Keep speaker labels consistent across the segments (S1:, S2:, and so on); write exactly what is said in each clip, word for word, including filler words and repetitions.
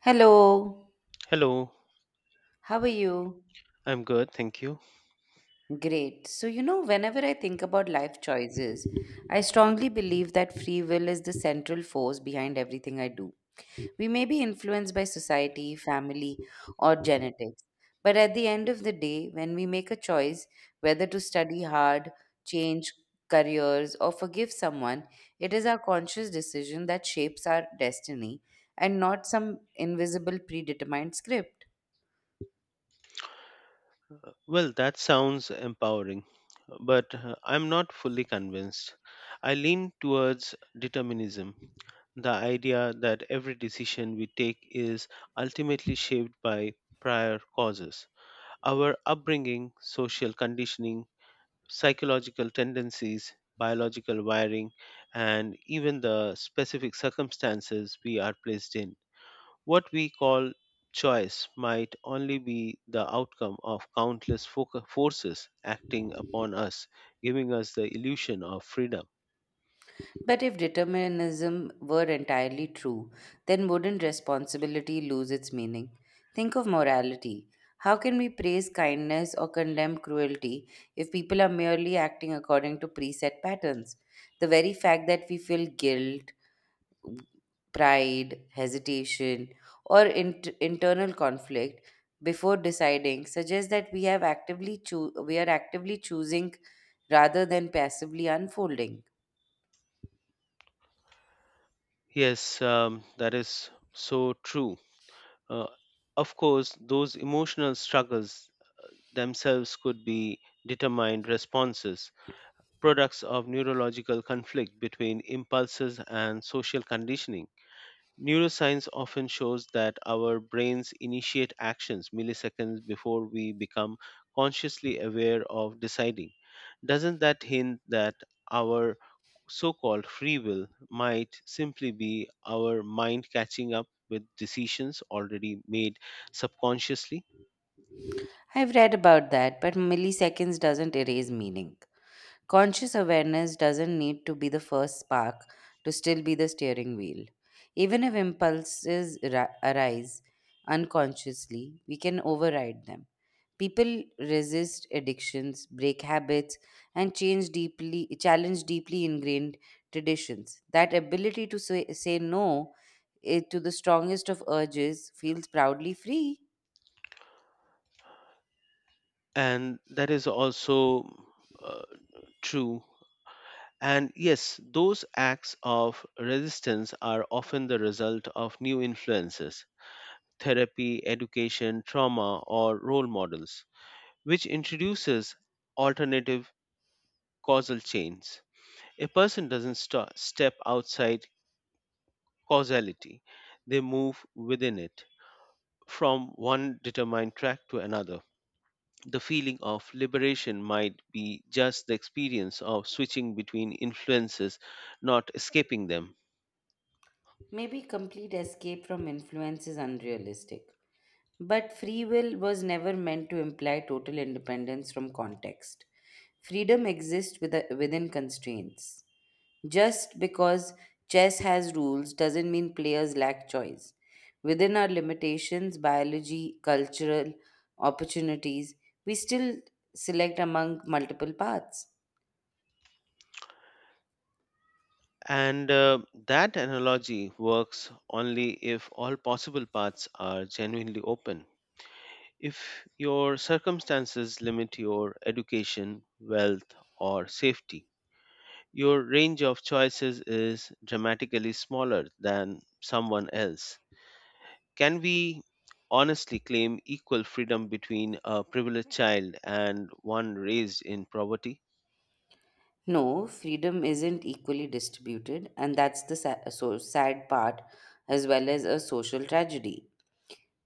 S1: Hello,
S2: Hello,
S1: how are you?
S2: I'm good, thank you.
S1: Great. So, you know, whenever I think about life choices, I strongly believe that free will is the central force behind everything I do. We may be influenced by society, family, or genetics, but at the end of the day, when we make a choice whether to study hard, change careers, or forgive someone, it is our conscious decision that shapes our destiny and not some invisible predetermined script.
S2: Well, that sounds empowering, but uh, I'm not fully convinced. I lean towards determinism, the idea that every decision we take is ultimately shaped by prior causes. Our upbringing, social conditioning, psychological tendencies, biological wiring, and even the specific circumstances we are placed in. What we call choice might only be the outcome of countless foca- forces acting upon us, giving us the illusion of freedom.
S1: But if determinism were entirely true, then wouldn't responsibility lose its meaning? Think of morality. How can we praise kindness or condemn cruelty if people are merely acting according to preset patterns? The very fact that we feel guilt, pride, hesitation, or int- internal conflict before deciding suggests that we have actively choo- we are actively choosing rather than passively unfolding.
S2: Yes, um, that is so true. Uh, of course, those emotional struggles themselves could be determined responses, products of neurological conflict between impulses and social conditioning. Neuroscience often shows that our brains initiate actions milliseconds before we become consciously aware of deciding. Doesn't that hint that our so called free will might simply be our mind catching up with decisions already made subconsciously?
S1: I've read about that, but milliseconds doesn't erase meaning. Conscious awareness doesn't need to be the first spark to still be the steering wheel. Even if impulses ra- arise unconsciously, we can override them. People resist addictions, break habits, and change deeply, challenge deeply ingrained traditions. That ability to say, say no eh, to the strongest of urges feels proudly free.
S2: And that is also uh, true. And yes, those acts of resistance are often the result of new influences therapy, education, trauma, or role models, which introduces alternative causal chains. A person doesn't st- step outside causality, they move within it from one determined track to another. The feeling of liberation might be just the experience of switching between influences, not escaping them.
S1: Maybe complete escape from influence is unrealistic. But free will was never meant to imply total independence from context. Freedom exists with within constraints. Just because chess has rules doesn't mean players lack choice. Within our limitations, biology, cultural opportunities, we still select among multiple paths.
S2: And uh, that analogy works only if all possible paths are genuinely open. If your circumstances limit your education, wealth, or safety, your range of choices is dramatically smaller than someone else. Can we honestly claim equal freedom between a privileged child and one raised in poverty?
S1: No, freedom isn't equally distributed, and that's the sa- so sad part, as well as a social tragedy.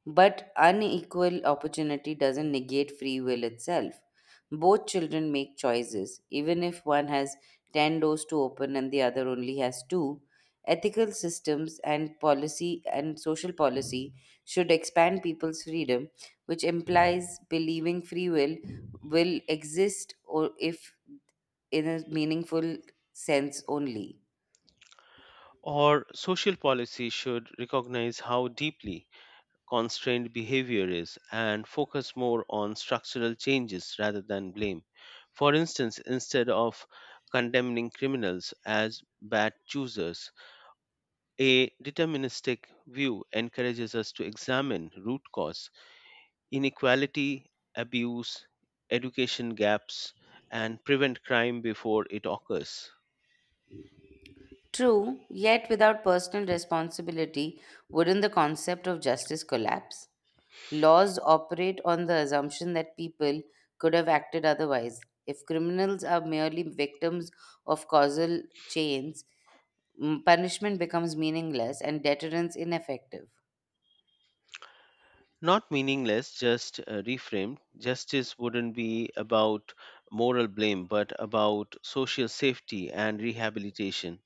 S1: But unequal opportunity doesn't negate free will itself. Both children make choices, even if one has ten doors to open and the other only has two. Ethical systems and policy and social policy should expand people's freedom, which implies believing free will will exist or if in a meaningful sense only.
S2: Or social policy should recognize how deeply constrained behavior is and focus more on structural changes rather than blame. For instance, instead of condemning criminals as bad choosers, a deterministic view encourages us to examine root cause, inequality, abuse, education gaps, and prevent crime before it occurs.
S1: True, yet without personal responsibility, wouldn't the concept of justice collapse? Laws operate on the assumption that people could have acted otherwise. If criminals are merely victims of causal chains, m- punishment becomes meaningless and deterrence ineffective.
S2: Not meaningless, just uh, reframed. Justice wouldn't be about moral blame, but about social safety and rehabilitation.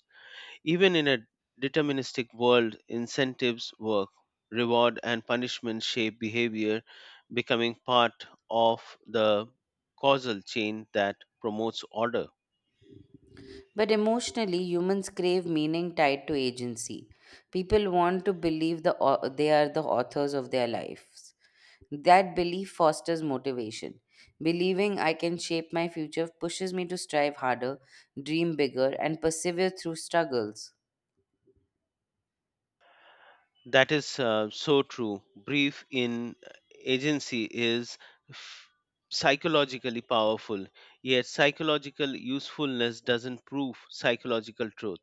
S2: Even in a deterministic world, incentives work, reward and punishment shape behavior, becoming part of the causal chain that promotes order.
S1: But emotionally, humans crave meaning tied to agency. People want to believe the, au- they are the authors of their lives. That belief fosters motivation. Believing I can shape my future pushes me to strive harder, dream bigger, and persevere through struggles.
S2: That is uh, so true. Brief in agency is f- psychologically powerful, yet psychological usefulness doesn't prove psychological truth.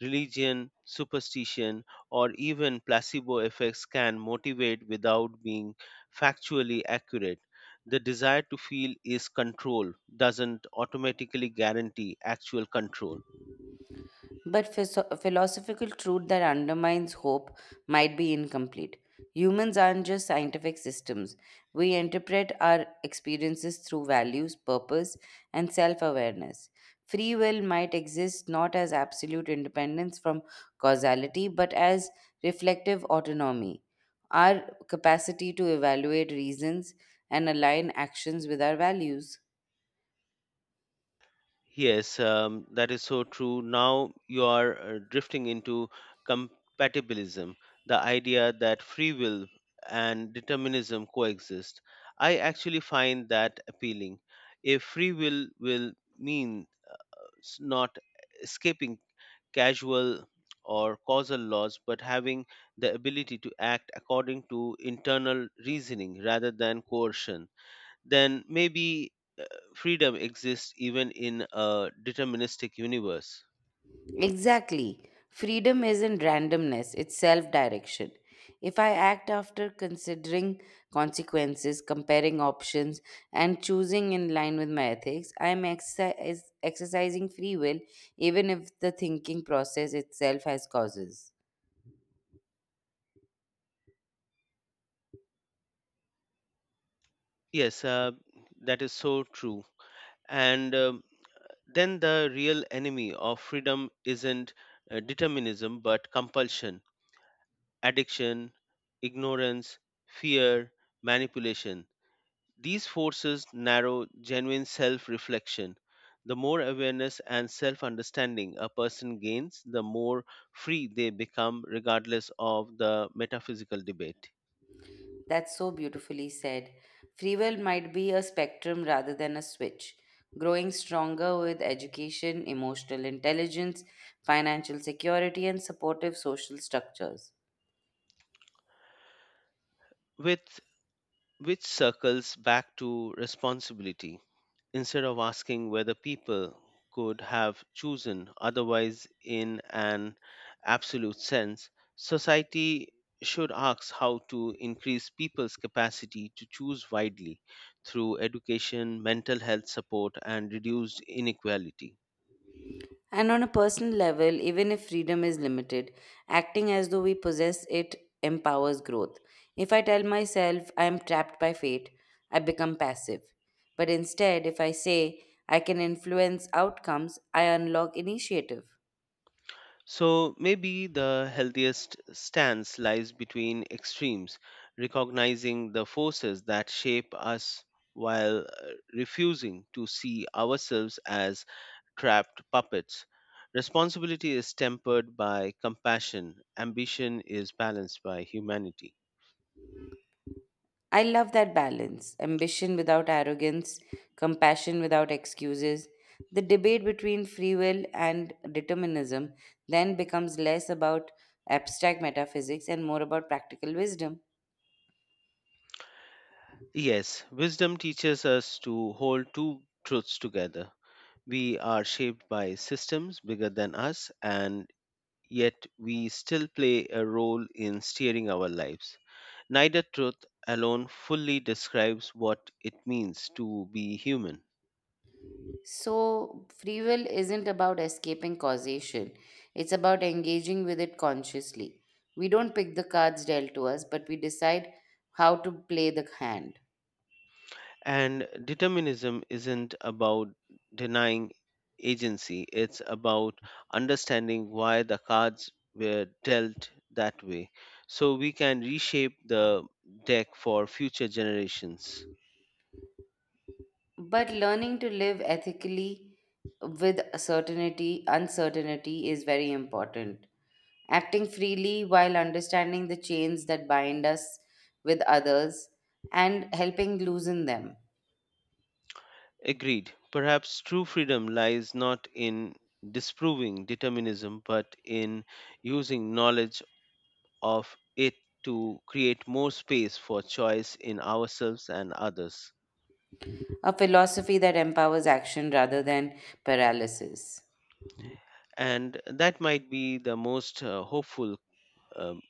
S2: Religion, superstition, or even placebo effects can motivate without being factually accurate. The desire to feel is control, doesn't automatically guarantee actual control.
S1: But phys- philosophical truth that undermines hope might be incomplete. Humans aren't just scientific systems. We interpret our experiences through values, purpose, and self awareness. Free will might exist not as absolute independence from causality, but as reflective autonomy, our capacity to evaluate reasons and align actions with our values.
S2: Yes, um, that is so true. Now you are uh, drifting into compatibilism, the idea that free will and determinism coexist. I actually find that appealing. If free will will mean s- not escaping casual or causal laws, but having the ability to act according to internal reasoning rather than coercion then maybe uh, freedom exists even in a deterministic universe.
S1: Exactly. Freedom isn't randomness, it's self direction. If I act after considering consequences, comparing options, and choosing in line with my ethics, I am exercise, exercising free will even if the thinking process itself has causes.
S2: Yes, uh, that is so true. And um, then the real enemy of freedom isn't uh, determinism but compulsion, addiction, ignorance, fear, manipulation. These forces narrow genuine self reflection. The more awareness and self understanding a person gains, the more free they become, regardless of the metaphysical debate.
S1: That's so beautifully said. Free will might be a spectrum rather than a switch, growing stronger with education, emotional intelligence, financial security, and supportive social structures.
S2: With which circles back to responsibility. Instead of asking whether people could have chosen otherwise in an absolute sense, society should ask how to increase people's capacity to choose widely through education, mental health support, and reduced inequality.
S1: And on a personal level, even if freedom is limited, acting as though we possess it empowers growth. If I tell myself I am trapped by fate, I become passive. But instead, if I say I can influence outcomes, I unlock initiative.
S2: So maybe the healthiest stance lies between extremes, recognizing the forces that shape us while uh, refusing to see ourselves as trapped puppets. Responsibility is tempered by compassion, ambition is balanced by humanity.
S1: I love that balance ambition without arrogance, compassion without excuses. The debate between free will and determinism then becomes less about abstract metaphysics and more about practical wisdom.
S2: Yes, wisdom teaches us to hold two truths together. We are shaped by systems bigger than us, and yet we still play a role in steering our lives. Neither truth alone fully describes what it means to be human.
S1: So, free will isn't about escaping causation, it's about engaging with it consciously. We don't pick the cards dealt to us, but we decide how to play the hand.
S2: And determinism isn't about denying agency, it's about understanding why the cards were dealt that way so we can reshape the deck for future generations.
S1: But learning to live ethically with certainty, uncertainty is very important. Acting freely while understanding the chains that bind us with others and helping loosen them.
S2: Agreed. Perhaps true freedom lies not in disproving determinism, but in using knowledge of it to create more space for choice in ourselves and others.
S1: A philosophy that empowers action rather than paralysis.
S2: And that might be the most uh, hopeful, um,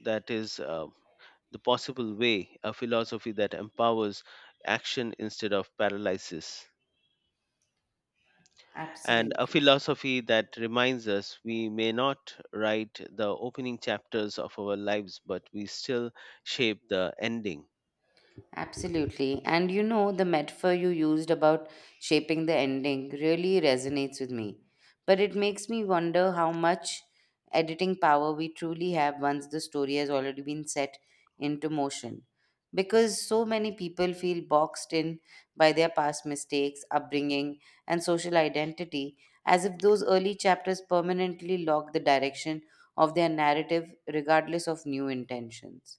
S2: that is, uh, the possible way, a philosophy that empowers action instead of paralysis. And
S1: Absolutely.
S2: a philosophy that reminds us we may not write the opening chapters of our lives, but we still shape the ending.
S1: Absolutely. And you know, the metaphor you used about shaping the ending really resonates with me. But it makes me wonder how much editing power we truly have once the story has already been set into motion. Because so many people feel boxed in by their past mistakes, upbringing, and social identity, as if those early chapters permanently lock the direction of their narrative, regardless of new intentions.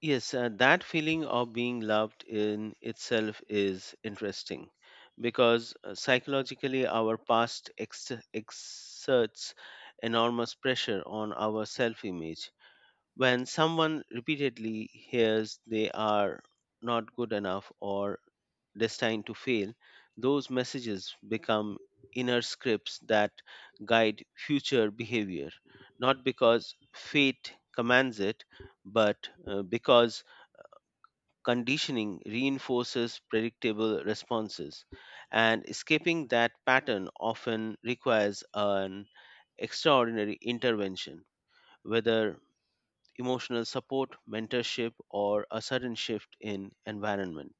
S2: Yes, uh, that feeling of being loved in itself is interesting because uh, psychologically our past ex- exerts enormous pressure on our self image. When someone repeatedly hears they are not good enough or destined to fail, those messages become inner scripts that guide future behavior, not because fate commands it, but uh, because conditioning reinforces predictable responses. And escaping that pattern often requires an extraordinary intervention, whether emotional support, mentorship, or a sudden shift in environment.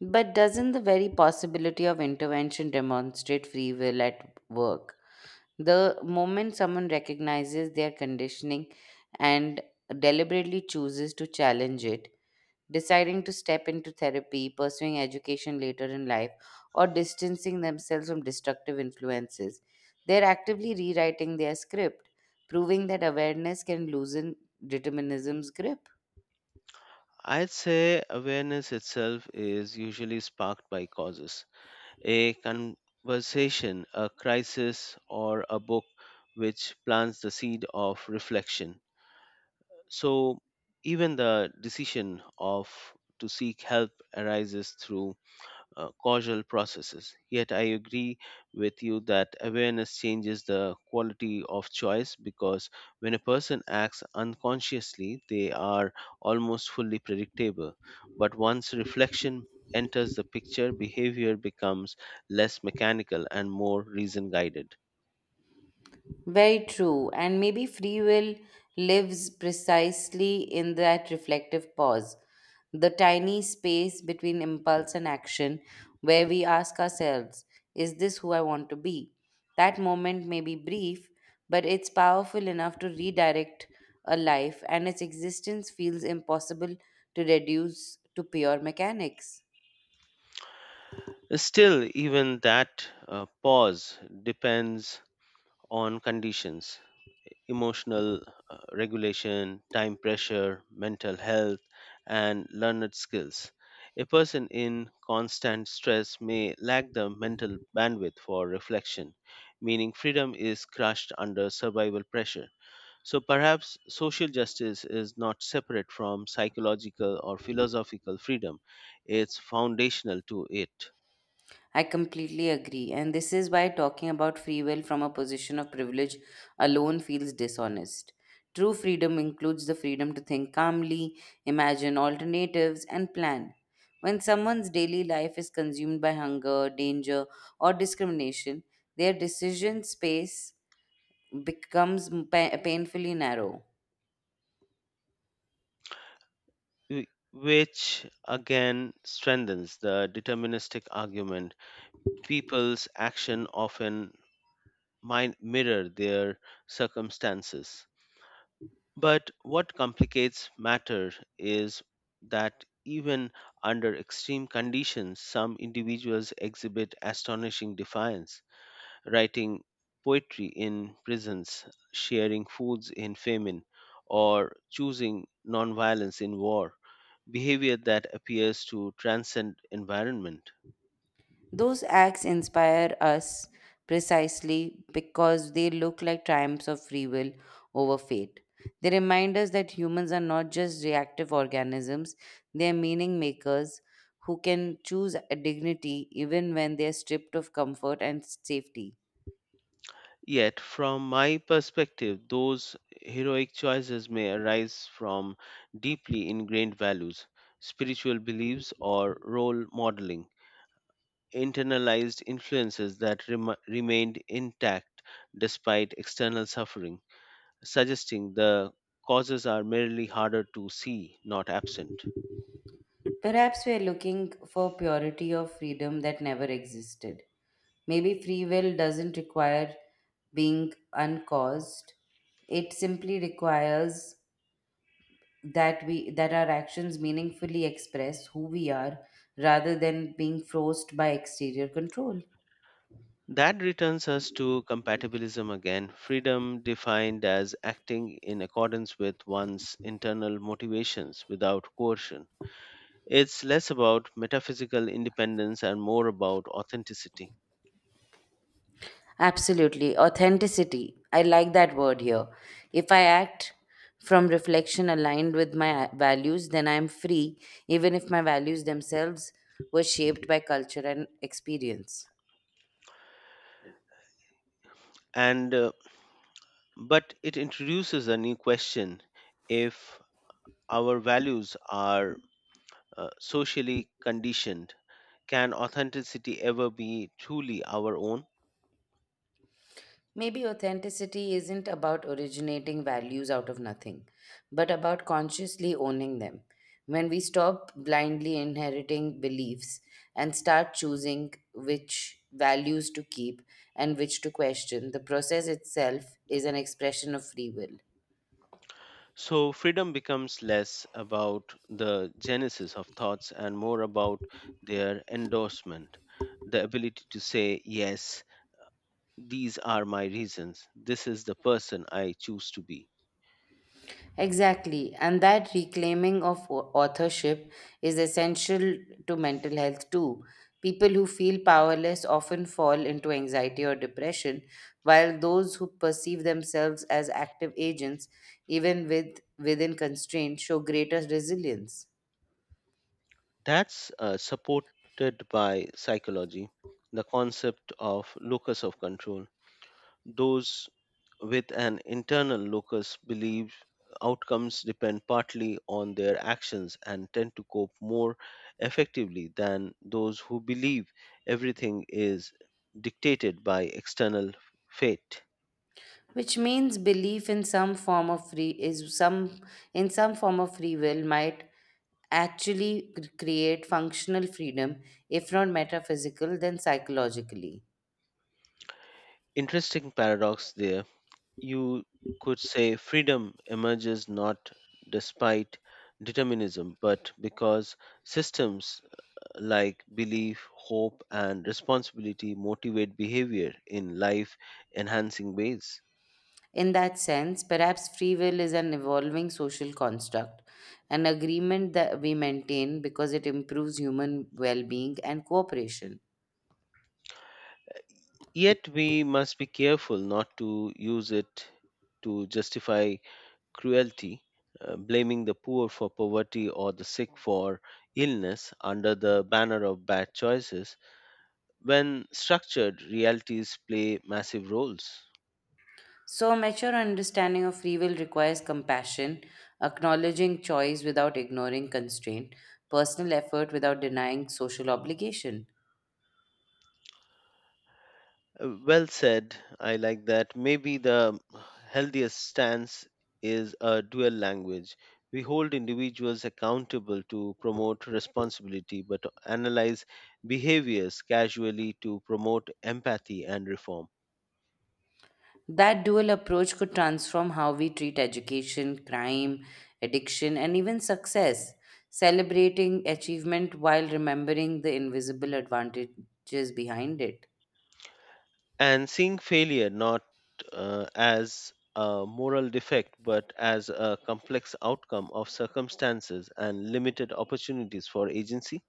S1: But doesn't the very possibility of intervention demonstrate free will at work? The moment someone recognizes their conditioning and deliberately chooses to challenge it, deciding to step into therapy, pursuing education later in life, or distancing themselves from destructive influences, they're actively rewriting their script, proving that awareness can loosen determinism's grip.
S2: I'd say awareness itself is usually sparked by causes. A conversation, a crisis, or a book which plants the seed of reflection. So even the decision of to seek help arises through uh, causal processes. Yet, I agree with you that awareness changes the quality of choice because when a person acts unconsciously, they are almost fully predictable. But once reflection enters the picture, behavior becomes less mechanical and more reason guided.
S1: Very true. And maybe free will lives precisely in that reflective pause, the tiny space between impulse and action, where we ask ourselves, is this who I want to be? That moment may be brief, but it's powerful enough to redirect a life, and its existence feels impossible to reduce to pure mechanics.
S2: Still, even that uh, pause depends on conditions emotional uh, regulation, time pressure, mental health, and learned skills. A person in constant stress may lack the mental bandwidth for reflection, meaning freedom is crushed under survival pressure. So perhaps social justice is not separate from psychological or philosophical freedom, it's foundational to it.
S1: I completely agree. And this is why talking about free will from a position of privilege alone feels dishonest. True freedom includes the freedom to think calmly, imagine alternatives, and plan. When someone's daily life is consumed by hunger, danger, or discrimination, their decision space becomes pa- painfully narrow.
S2: wh- Which again strengthens the deterministic argument people's action often min- mirror their circumstances. But what complicates matter is that even under extreme conditions, some individuals exhibit astonishing defiance, writing poetry in prisons, sharing foods in famine, or choosing nonviolence in war, behavior that appears to transcend environment.
S1: Those acts inspire us precisely because they look like triumphs of free will over fate. They remind us that humans are not just reactive organisms, they are meaning makers who can choose a dignity even when they are stripped of comfort and safety.
S2: Yet, from my perspective, those heroic choices may arise from deeply ingrained values, spiritual beliefs, or role modeling, internalized influences that rem- remained intact despite external suffering, suggesting the causes are merely harder to see, not absent.
S1: Perhaps we are looking for purity of freedom that never existed. Maybe free will doesn't require being uncaused, it simply requires that we that our actions meaningfully express who we are rather than being forced by exterior control.
S2: That returns us to compatibilism again, freedom defined as acting in accordance with one's internal motivations without coercion. It's less about metaphysical independence and more about authenticity.
S1: Absolutely, authenticity, I like that word here. If I act from reflection aligned with my uh, values, then I am free even if my values themselves were shaped by culture and experience.
S2: And uh, but it introduces a new question if our values are uh, socially conditioned, can authenticity ever be truly our own?
S1: Maybe authenticity isn't about originating values out of nothing, but about consciously owning them. When we stop blindly inheriting beliefs and start choosing which values to keep and which to question, the process itself is an expression of free will.
S2: So, freedom becomes less about the genesis of thoughts and more about their endorsement, the ability to say, Yes, these are my reasons. This is the person I choose to be.
S1: Exactly, and that reclaiming of au- authorship is essential to mental health too. People who feel powerless often fall into anxiety or depression, while those who perceive themselves as active agents, even with within constraints, show greater resilience.
S2: That's uh, supported by psychology, the concept of locus of control. Those with an internal locus believes outcomes depend partly on their actions and tend to cope more effectively than those who believe everything is dictated by external fate.
S1: Which means belief in some form of free is some in some form of free will might actually cr- create functional freedom, if not metaphysical, then psychologically.
S2: Interesting paradox there. You could say freedom emerges not despite determinism, but because systems like belief, hope, and responsibility motivate behavior in life enhancing ways.
S1: In that sense, perhaps free will is an evolving social construct, an agreement that we maintain because it improves human well being and cooperation.
S2: Yet we must be careful not to use it to justify cruelty, uh, blaming the poor for poverty or the sick for illness under the banner of bad choices when structured realities play massive roles.
S1: So, a mature understanding of free will requires compassion, acknowledging choice without ignoring constraint, personal effort without denying social obligation.
S2: Uh, Well said. I like that. Maybe the healthiest stance is a dual language. We hold individuals accountable to promote responsibility, but analyze behaviors casually to promote empathy and reform.
S1: That dual approach could transform how we treat education, crime, addiction, and even success, celebrating achievement while remembering the invisible advantages behind it.
S2: And seeing failure not uh, as a moral defect, but as a complex outcome of circumstances and limited opportunities for agency.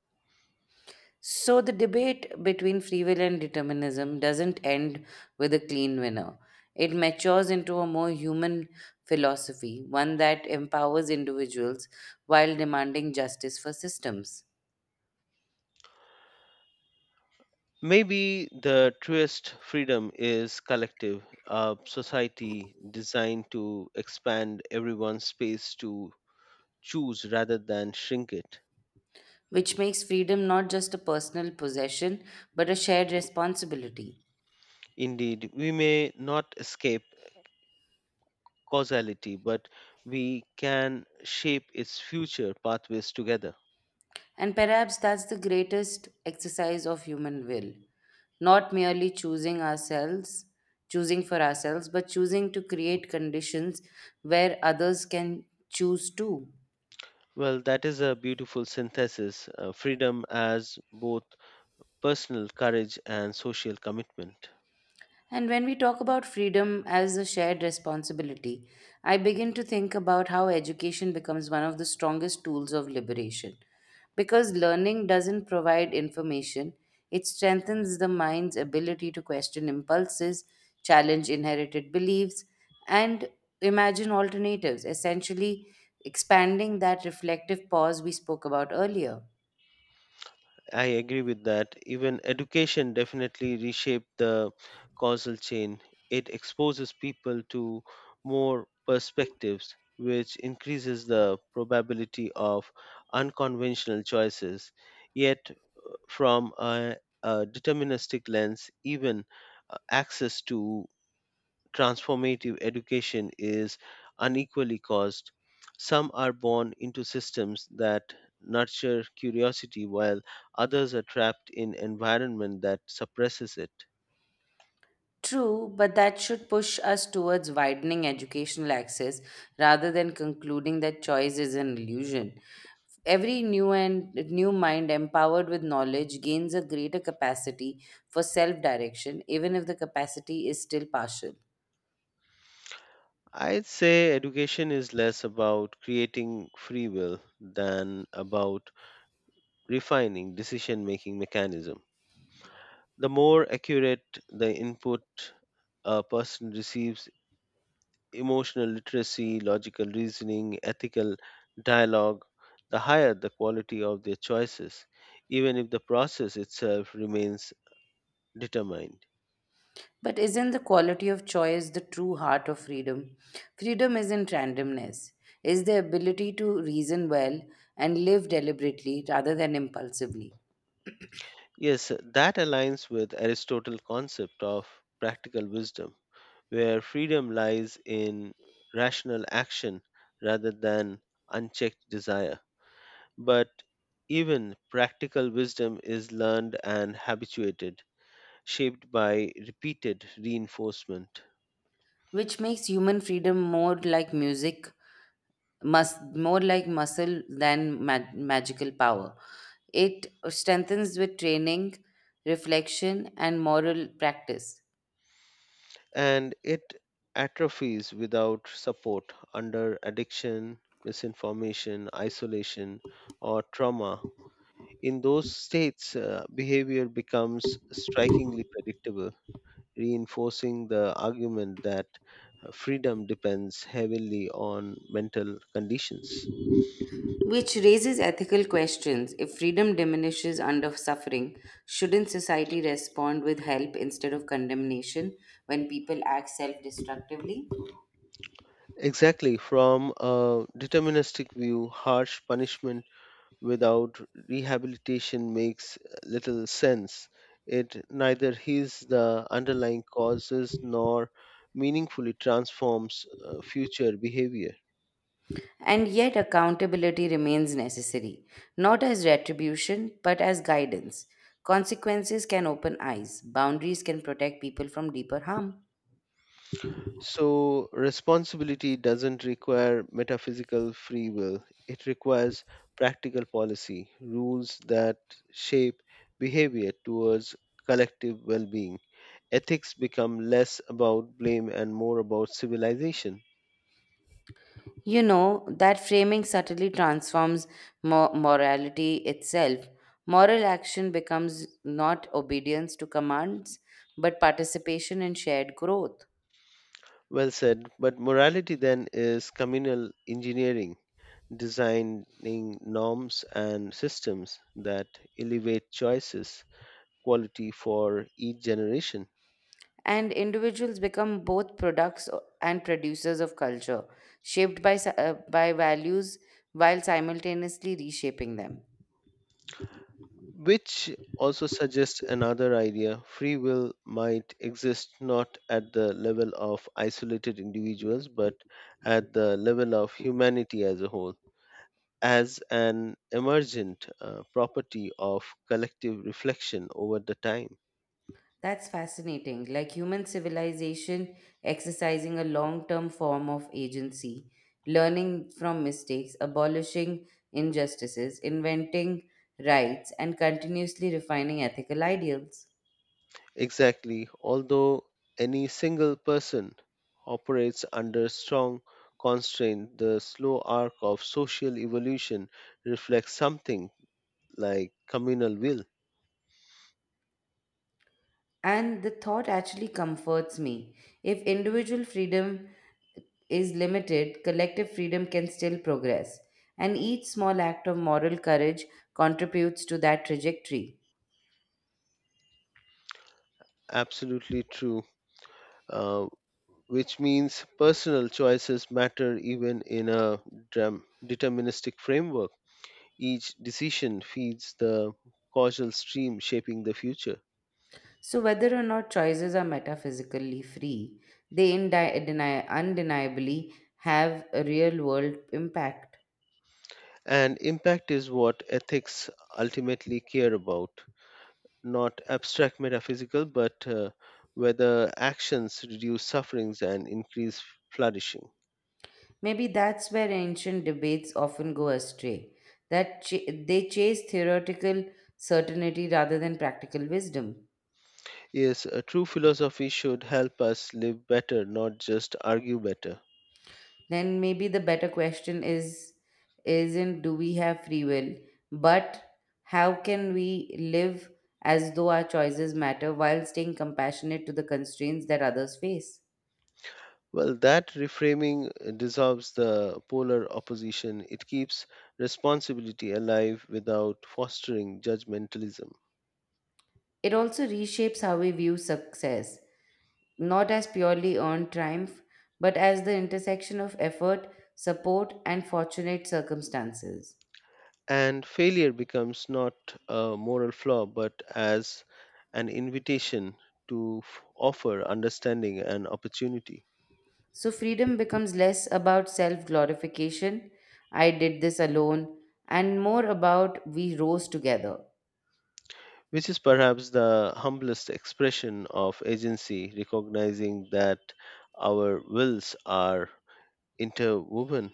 S1: So, the debate between free will and determinism doesn't end with a clean winner. It matures into a more human philosophy, one that empowers individuals while demanding justice for systems.
S2: Maybe the truest freedom is collective, a society designed to expand everyone's space to choose rather than shrink it.
S1: Which makes freedom not just a personal possession, but a shared responsibility.
S2: Indeed, we may not escape causality, but we can shape its future pathways together.
S1: And perhaps that's the greatest exercise of human will, not merely choosing ourselves, choosing for ourselves, but choosing to create conditions where others can choose too.
S2: Well, that is a beautiful synthesis uh, freedom as both personal courage and social commitment.
S1: And when we talk about freedom as a shared responsibility, I begin to think about how education becomes one of the strongest tools of liberation. Because learning doesn't provide information, it strengthens the mind's ability to question impulses, challenge inherited beliefs, and imagine alternatives, essentially expanding that reflective pause we spoke about earlier.
S2: I agree with that. Even education definitely reshaped the causal chain. It exposes people to more perspectives, which increases the probability of unconventional choices. Yet, from a, a deterministic lens, even uh, access to transformative education is unequally caused. Some are born into systems that nurture curiosity while others are trapped in environment that suppresses it.
S1: True, but that should push us towards widening educational access rather than concluding that choice is an illusion. Every new and new mind empowered with knowledge gains a greater capacity for self-direction, even if the capacity is still partial.
S2: I'd say education is less about creating free will than about refining decision making mechanism. The more accurate the input a person receives emotional literacy, logical reasoning, ethical dialogue, the higher the quality of their choices, even if the process itself remains determined.
S1: But isn't the quality of choice the true heart of freedom? Freedom isn't randomness. Is the ability to reason well and live deliberately rather than impulsively,
S2: Yes, that aligns with Aristotle's concept of practical wisdom, where freedom lies in rational action rather than unchecked desire. But even practical wisdom is learned and habituated, shaped by repeated reinforcement.
S1: which makes human freedom more like music mus- more like muscle than mag- magical power. It strengthens with training, reflection, and moral practice,
S2: And it atrophies without support under addiction, misinformation, isolation, or trauma. In those states, uh, behavior becomes strikingly predictable, reinforcing the argument that uh, freedom depends heavily on mental conditions.
S1: which raises ethical questions. If freedom diminishes under suffering, shouldn't society respond with help instead of condemnation when people act self destructively?
S2: Exactly, from a deterministic view, harsh punishment without rehabilitation makes little sense. It neither heals the underlying causes nor meaningfully transforms uh, future behavior.
S1: And yet, accountability remains necessary, not as retribution, but as guidance. Consequences can open eyes, boundaries can protect people from deeper harm.
S2: So, responsibility doesn't require metaphysical free will, it requires practical policy, rules that shape behavior towards collective well being. Ethics become less about blame and more about civilization.
S1: You know, that framing subtly transforms mo- morality itself. Moral action becomes not obedience to commands, but participation in shared growth.
S2: Well said, but morality then is communal engineering, designing norms and systems that elevate choices, quality for each generation.
S1: And individuals become both products o- and producers of culture, shaped by, s- uh, by values while simultaneously reshaping them.
S2: Which also suggests another idea free will might exist not at the level of isolated individuals, but at the level of humanity as a whole, as an emergent uh, property of collective reflection over the time.
S1: That's fascinating. Like human civilization exercising a long term form of agency, learning from mistakes, abolishing injustices, inventing rights, and continuously refining ethical ideals.
S2: Exactly. Although any single person operates under strong constraint, the slow arc of social evolution reflects something like communal will.
S1: And the thought actually comforts me. If individual freedom is limited, collective freedom can still progress. And each small act of moral courage contributes to that trajectory.
S2: Absolutely true. Uh, which means personal choices matter even in a dram- deterministic framework. Each decision feeds the causal stream shaping the future.
S1: So, whether or not choices are metaphysically free, they indi- deny- undeniably have a real world impact.
S2: And impact is what ethics ultimately care about. Not abstract metaphysical, but uh, whether actions reduce sufferings and increase flourishing.
S1: Maybe that's where ancient debates often go astray, that ch- they chase theoretical certainty rather than practical wisdom.
S2: Yes, a true philosophy should help us live better, not just argue better.
S1: Then maybe the better question is isn't do we have free will, but how can we live as though our choices matter while staying compassionate to the constraints that others face?
S2: Well, that reframing uh, dissolves the polar opposition. It keeps responsibility alive without fostering judgmentalism.
S1: It also reshapes how we view success, not as purely earned triumph, but as the intersection of effort, support, and fortunate circumstances.
S2: And failure becomes not a moral flaw, but as an invitation to f- offer understanding and opportunity.
S1: So, freedom becomes less about self glorification, I did this alone, and more about we rose together.
S2: Which is perhaps the humblest expression of agency, recognizing that our wills are interwoven.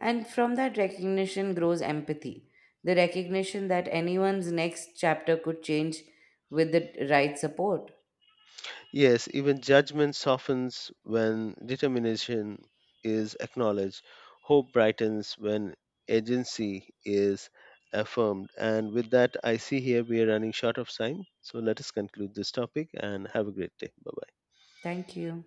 S1: And from that recognition grows empathy, the recognition that anyone's next chapter could change with the right support.
S2: Yes, even judgment softens when determination is acknowledged, hope brightens when agency is affirmed. And with that, I see here we are running short of time. So let us conclude this topic and have a great day. Bye bye.
S1: Thank you.